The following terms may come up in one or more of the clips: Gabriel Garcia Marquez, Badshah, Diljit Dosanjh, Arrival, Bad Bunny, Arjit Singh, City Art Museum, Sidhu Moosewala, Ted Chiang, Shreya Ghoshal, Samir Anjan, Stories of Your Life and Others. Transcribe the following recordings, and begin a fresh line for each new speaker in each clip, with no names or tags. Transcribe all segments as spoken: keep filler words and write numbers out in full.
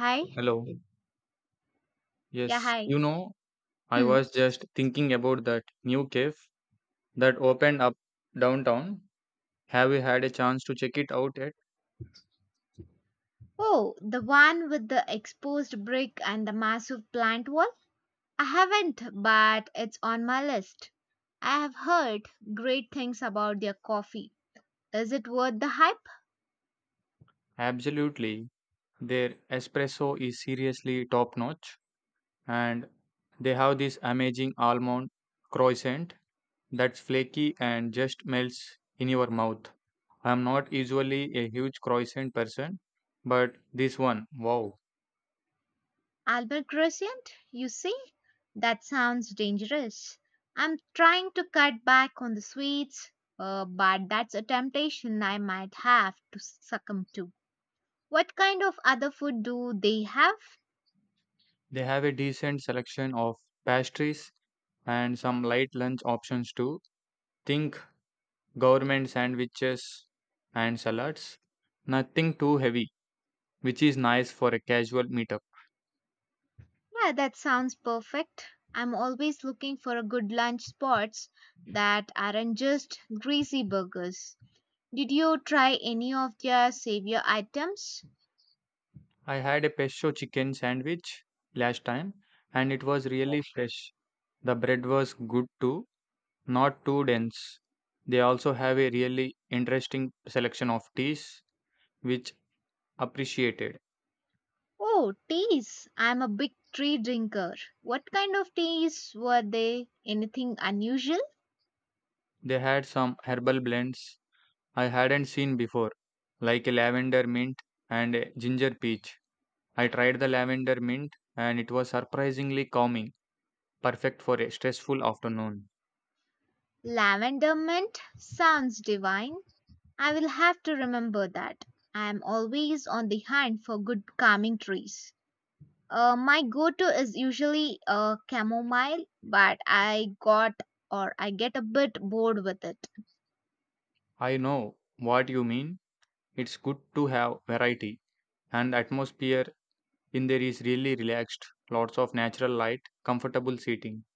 Hi?
Hello.
Yeah,
Yes,
hi.
you know, I
Hmm.
was just thinking about that new cave that opened up downtown. Have you had a chance to check it out yet?
Oh, the one with the exposed brick and the massive plant wall? I haven't, but it's on my list. I have heard great things about their coffee. Is it worth the hype?
Absolutely. Their espresso is seriously top notch, and they have this amazing almond croissant that's flaky and just melts in your mouth. I'm not usually a huge croissant person, but this one, wow.
Albert Crescent, you see? That sounds dangerous. I'm trying to cut back on the sweets, uh, but that's a temptation I might have to succumb to. What kind of other food do they have?
They have a decent selection of pastries and some light lunch options too. Think government sandwiches and salads. Nothing too heavy, which is nice for a casual meetup.
Yeah, that sounds perfect. I'm always looking for a good lunch spots that aren't just greasy burgers. Did you try any of their savior items?
I had a pesto chicken sandwich last time and it was really fresh. The bread was good too. Not too dense. They also have a really interesting selection of teas, which appreciated.
Oh, teas. I'm a big tea drinker. What kind of teas were they? Anything unusual?
They had some herbal blends I hadn't seen before, like a lavender mint and a ginger peach. I tried the lavender mint and it was surprisingly calming, perfect for a stressful afternoon.
Lavender mint sounds divine. I will have to remember that. I am always on the hunt for good calming trees. Uh, my go-to is usually uh, chamomile, but I got or I get a bit bored with it.
I know what you mean. It's good to have variety, and the atmosphere in there is really relaxed. Lots of natural light, comfortable seating.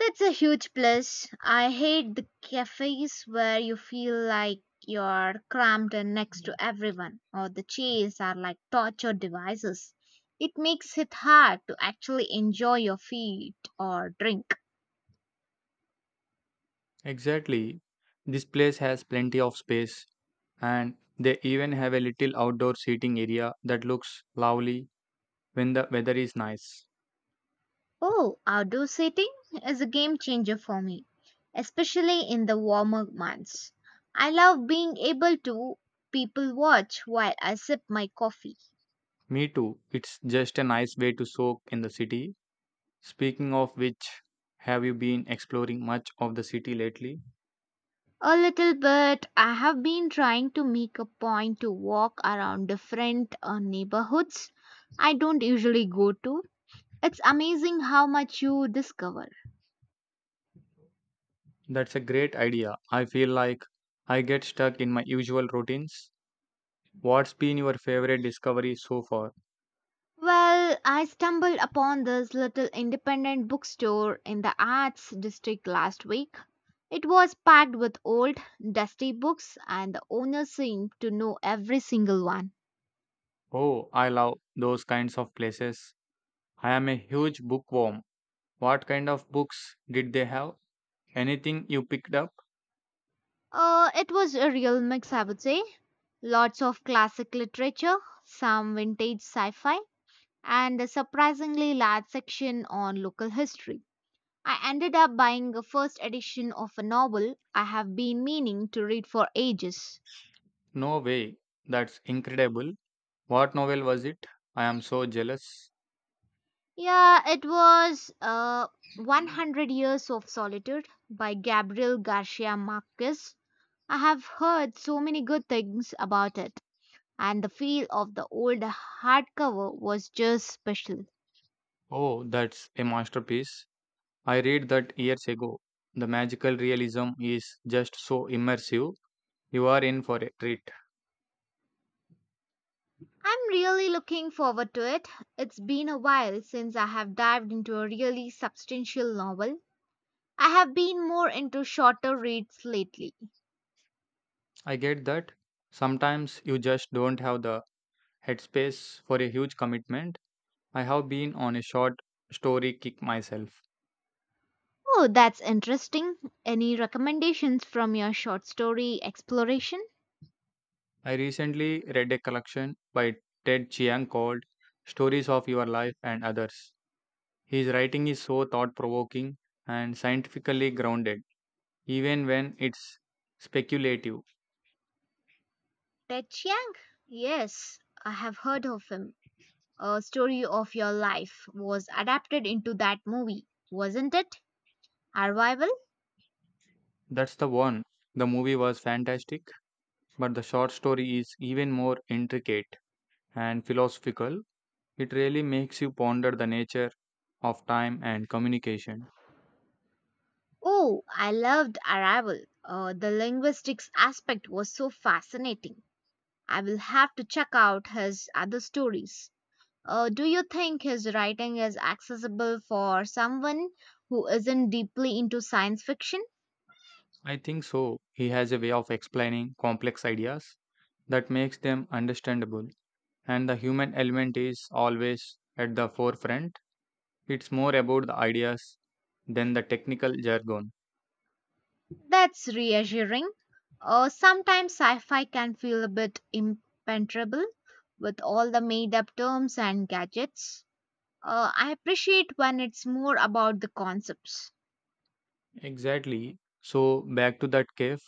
That's a huge plus. I hate the cafes where you feel like you're crammed in next to everyone, or the chairs are like torture devices. It makes it hard to actually enjoy your feet or drink.
Exactly. This place has plenty of space and they even have a little outdoor seating area that looks lovely when the weather is nice.
Oh, outdoor seating is a game changer for me, especially in the warmer months. I love being able to people watch while I sip my coffee.
Me too. It's just a nice way to soak in the city. Speaking of which, have you been exploring much of the city lately?
A little bit. I have been trying to make a point to walk around different uh, neighborhoods I don't usually go to. It's amazing how much you discover.
That's a great idea. I feel like I get stuck in my usual routines. What's been your favorite discovery so far?
Well, I stumbled upon this little independent bookstore in the Arts District last week. It was packed with old, dusty books, and the owner seemed to know every single one.
Oh, I love those kinds of places. I am a huge bookworm. What kind of books did they have? Anything you picked up?
Uh, it was a real mix, I would say. Lots of classic literature, some vintage sci fi, and a surprisingly large section on local history. I ended up buying a first edition of a novel I have been meaning to read for ages.
No way. That's incredible. What novel was it? I am so jealous.
Yeah, it was uh, one hundred Years of Solitude by Gabriel Garcia Marquez. I have heard so many good things about it, and the feel of the old hardcover was just special.
Oh, that's a masterpiece. I read that years ago. The magical realism is just so immersive. You are in for a treat.
I'm really looking forward to it. It's been a while since I have dived into a really substantial novel. I have been more into shorter reads lately.
I get that. Sometimes you just don't have the headspace for a huge commitment. I have been on a short story kick myself.
Oh, that's interesting. Any recommendations from your short story exploration?
I recently read a collection by Ted Chiang called Stories of Your Life and Others. His writing is so thought provoking and scientifically grounded, even when it's speculative.
Ted Chiang? Yes, I have heard of him. A story of your life was adapted into that movie, wasn't it? Arrival?
That's the one. The movie was fantastic, but the short story is even more intricate and philosophical. It really makes you ponder the nature of time and communication.
Oh, I loved Arrival. Uh, the linguistics aspect was so fascinating. I will have to check out his other stories. Uh, do you think his writing is accessible for someone who isn't deeply into science fiction?
I think so. He has a way of explaining complex ideas that makes them understandable, and the human element is always at the forefront. It's more about the ideas than the technical jargon.
That's reassuring. Uh, sometimes sci fi can feel a bit impenetrable with all the made up terms and gadgets. Uh, I appreciate when it's more about the concepts.
Exactly. So, back to that cave,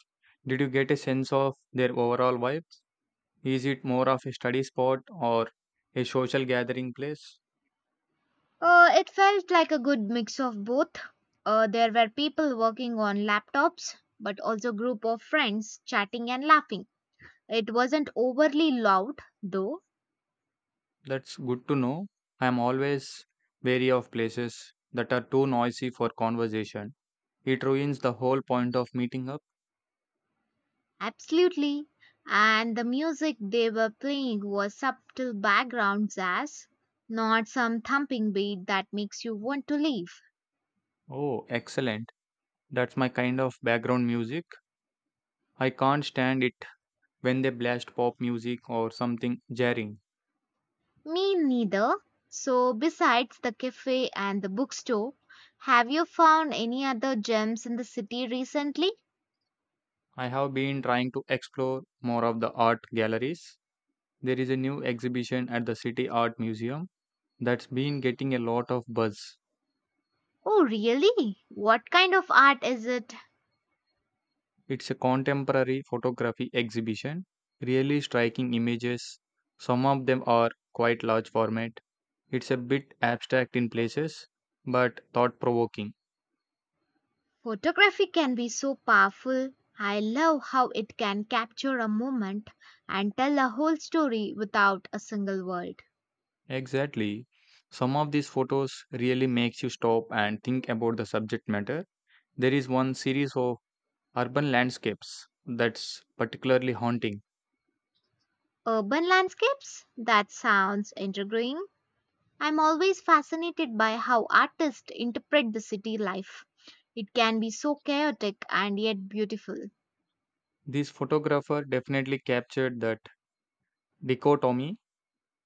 did you get a sense of their overall vibe? Is it more of a study spot or a social gathering place?
Uh, it felt like a good mix of both. Uh, there were people working on laptops, but also group of friends chatting and laughing. It wasn't overly loud, though.
That's good to know. I am always wary of places that are too noisy for conversation. It ruins the whole point of meeting up.
Absolutely. And the music they were playing was subtle background jazz, not some thumping beat that makes you want to leave.
Oh, excellent. That's my kind of background music. I can't stand it when they blast pop music or something jarring.
Me neither. So, besides the cafe and the bookstore, have you found any other gems in the city recently?
I have been trying to explore more of the art galleries. There is a new exhibition at the City Art Museum that's been getting a lot of buzz.
Oh, really? What kind of art is it?
It's a contemporary photography exhibition, really striking images. Some of them are quite large format. It's a bit abstract in places, but thought provoking.
Photography can be so powerful. I love how it can capture a moment and tell a whole story without a single word.
Exactly. Some of these photos really makes you stop and think about the subject matter. There is one series of urban landscapes that's particularly haunting.
Urban landscapes? That sounds intriguing. I'm always fascinated by how artists interpret the city life. It can be so chaotic and yet beautiful.
This photographer definitely captured that dichotomy.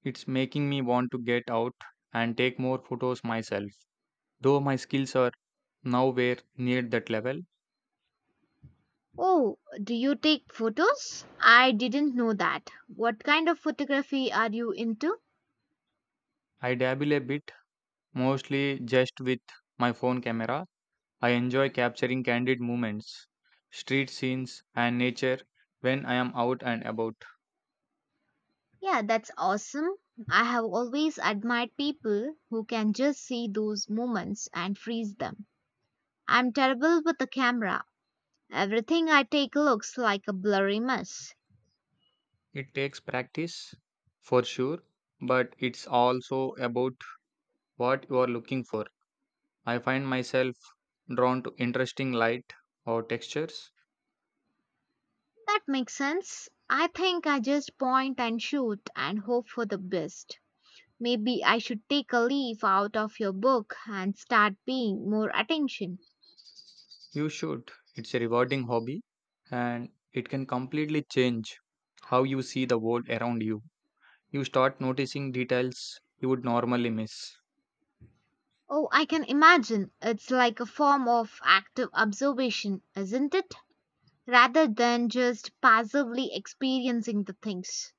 It's making me want to get out and take more photos myself, though my skills are nowhere near that level.
Oh, do you take photos? I didn't know that. What kind of photography are you into?
I dabble a bit, mostly just with my phone camera. I enjoy capturing candid moments, street scenes, and nature when I am out and about.
Yeah, that's awesome. I have always admired people who can just see those moments and freeze them. I'm terrible with the camera. Everything I take looks like a blurry mess.
It takes practice for sure, but it's also about what you are looking for. I find myself drawn to interesting light or textures.
That makes sense. I think I just point and shoot and hope for the best. Maybe I should take a leaf out of your book and start paying more attention.
You should. It's a rewarding hobby and it can completely change how you see the world around you. You start noticing details you would normally miss.
Oh, I can imagine. It's like a form of active observation, isn't it? Rather than just passively experiencing the things.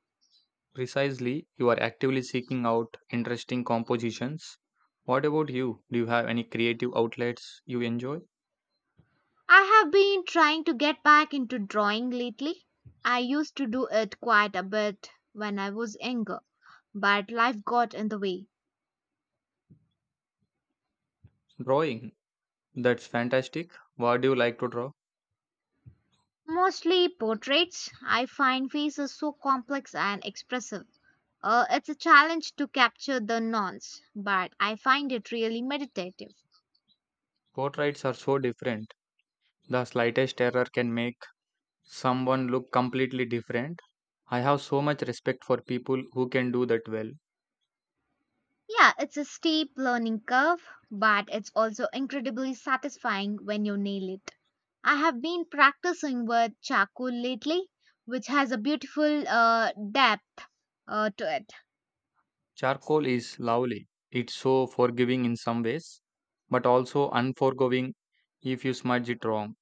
Precisely, you are actively seeking out interesting compositions. What about you? Do you have any creative outlets you enjoy?
I have been trying to get back into drawing lately. I used to do it quite a bit when I was younger, but life got in the way.
Drawing. That's fantastic. What do you like to draw?
Mostly portraits. I find faces so complex and expressive. Uh, it's a challenge to capture the nuance, but I find it really meditative.
Portraits are so different. The slightest error can make someone look completely different. I have so much respect for people who can do that well.
Yeah, it's a steep learning curve, but it's also incredibly satisfying when you nail it. I have been practicing with charcoal lately, which has a beautiful uh, depth uh, to it.
Charcoal is lovely. It's so forgiving in some ways, but also unforgiving if you smudge it wrong.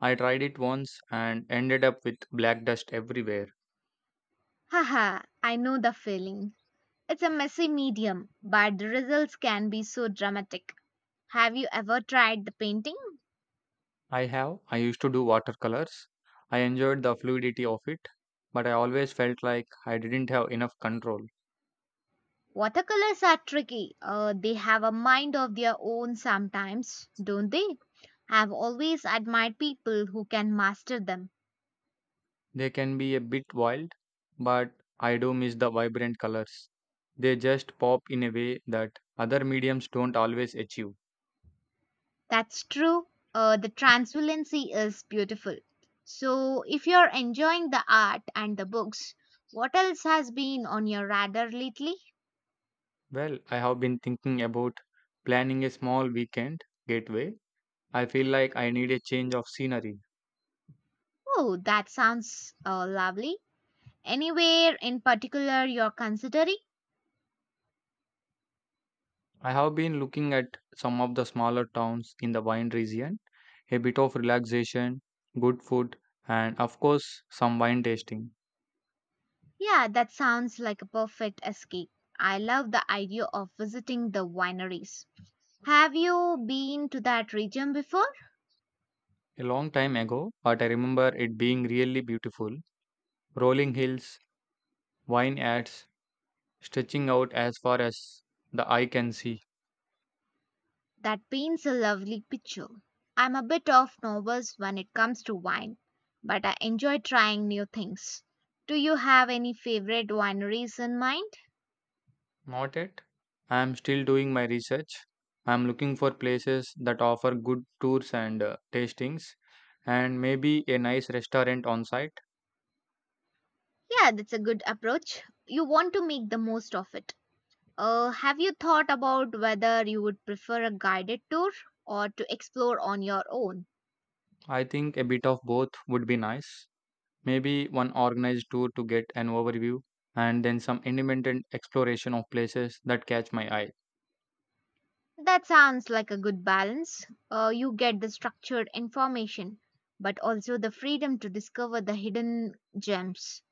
I tried it once and ended up with black dust everywhere.
Haha, I know the feeling. It's a messy medium, but the results can be so dramatic. Have you ever tried the painting?
I have. I used to do watercolors. I enjoyed the fluidity of it, but I always felt like I didn't have enough control.
Watercolors are tricky. Uh, they have a mind of their own sometimes, don't they? I've always admired people who can master them.
They can be a bit wild, but I do miss the vibrant colors. They just pop in a way that other mediums don't always achieve.
That's true. Uh, the transparency is beautiful. So, if you're enjoying the art and the books, what else has been on your radar lately?
Well, I have been thinking about planning a small weekend getaway. I feel like I need a change of scenery.
Oh, that sounds uh, lovely. Anywhere in particular you're considering?
I have been looking at some of the smaller towns in the wine region, a bit of relaxation, good food, and of course, some wine tasting.
Yeah, that sounds like a perfect escape. I love the idea of visiting the wineries. Have you been to that region before?
A long time ago, but I remember it being really beautiful, rolling hills, Vine adds, stretching out as far as the eye can see.
That paints a lovely picture. I'm a bit of nervous when it comes to wine, but I enjoy trying new things. Do you have any favorite wineries in mind?
Not yet. I am still doing my research. I am looking for places that offer good tours and uh, tastings, and maybe a nice restaurant on site.
Yeah, that's a good approach. You want to make the most of it. Uh, have you thought about whether you would prefer a guided tour or to explore on your own?
I think a bit of both would be nice. Maybe one organized tour to get an overview, and then some independent exploration of places that catch my eye.
That sounds like a good balance. Uh, you get the structured information, but also the freedom to discover the hidden gems.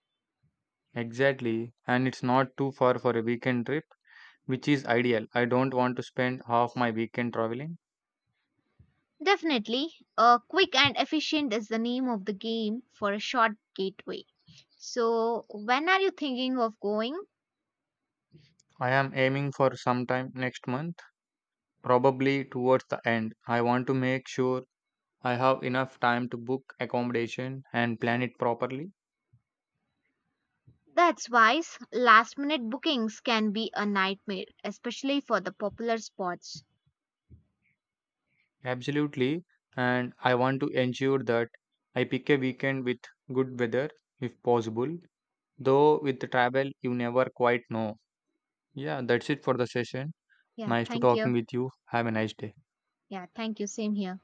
Exactly, and it's not too far for a weekend trip, which is ideal. I don't want to spend half my weekend traveling.
Definitely, uh, quick and efficient is the name of the game for a short gateway. So, when are you thinking of going?
I am aiming for sometime next month, probably towards the end. I want to make sure I have enough time to book accommodation and plan it properly.
That's wise. Last minute bookings can be a nightmare, especially for the popular spots.
Absolutely. And I want to ensure that I pick a weekend with good weather if possible. Though with the travel, you never quite know. Yeah, that's it for the session.
Yeah,
Nice to
thank you.
talking with you. Have a nice day.
Yeah, thank you. Same here.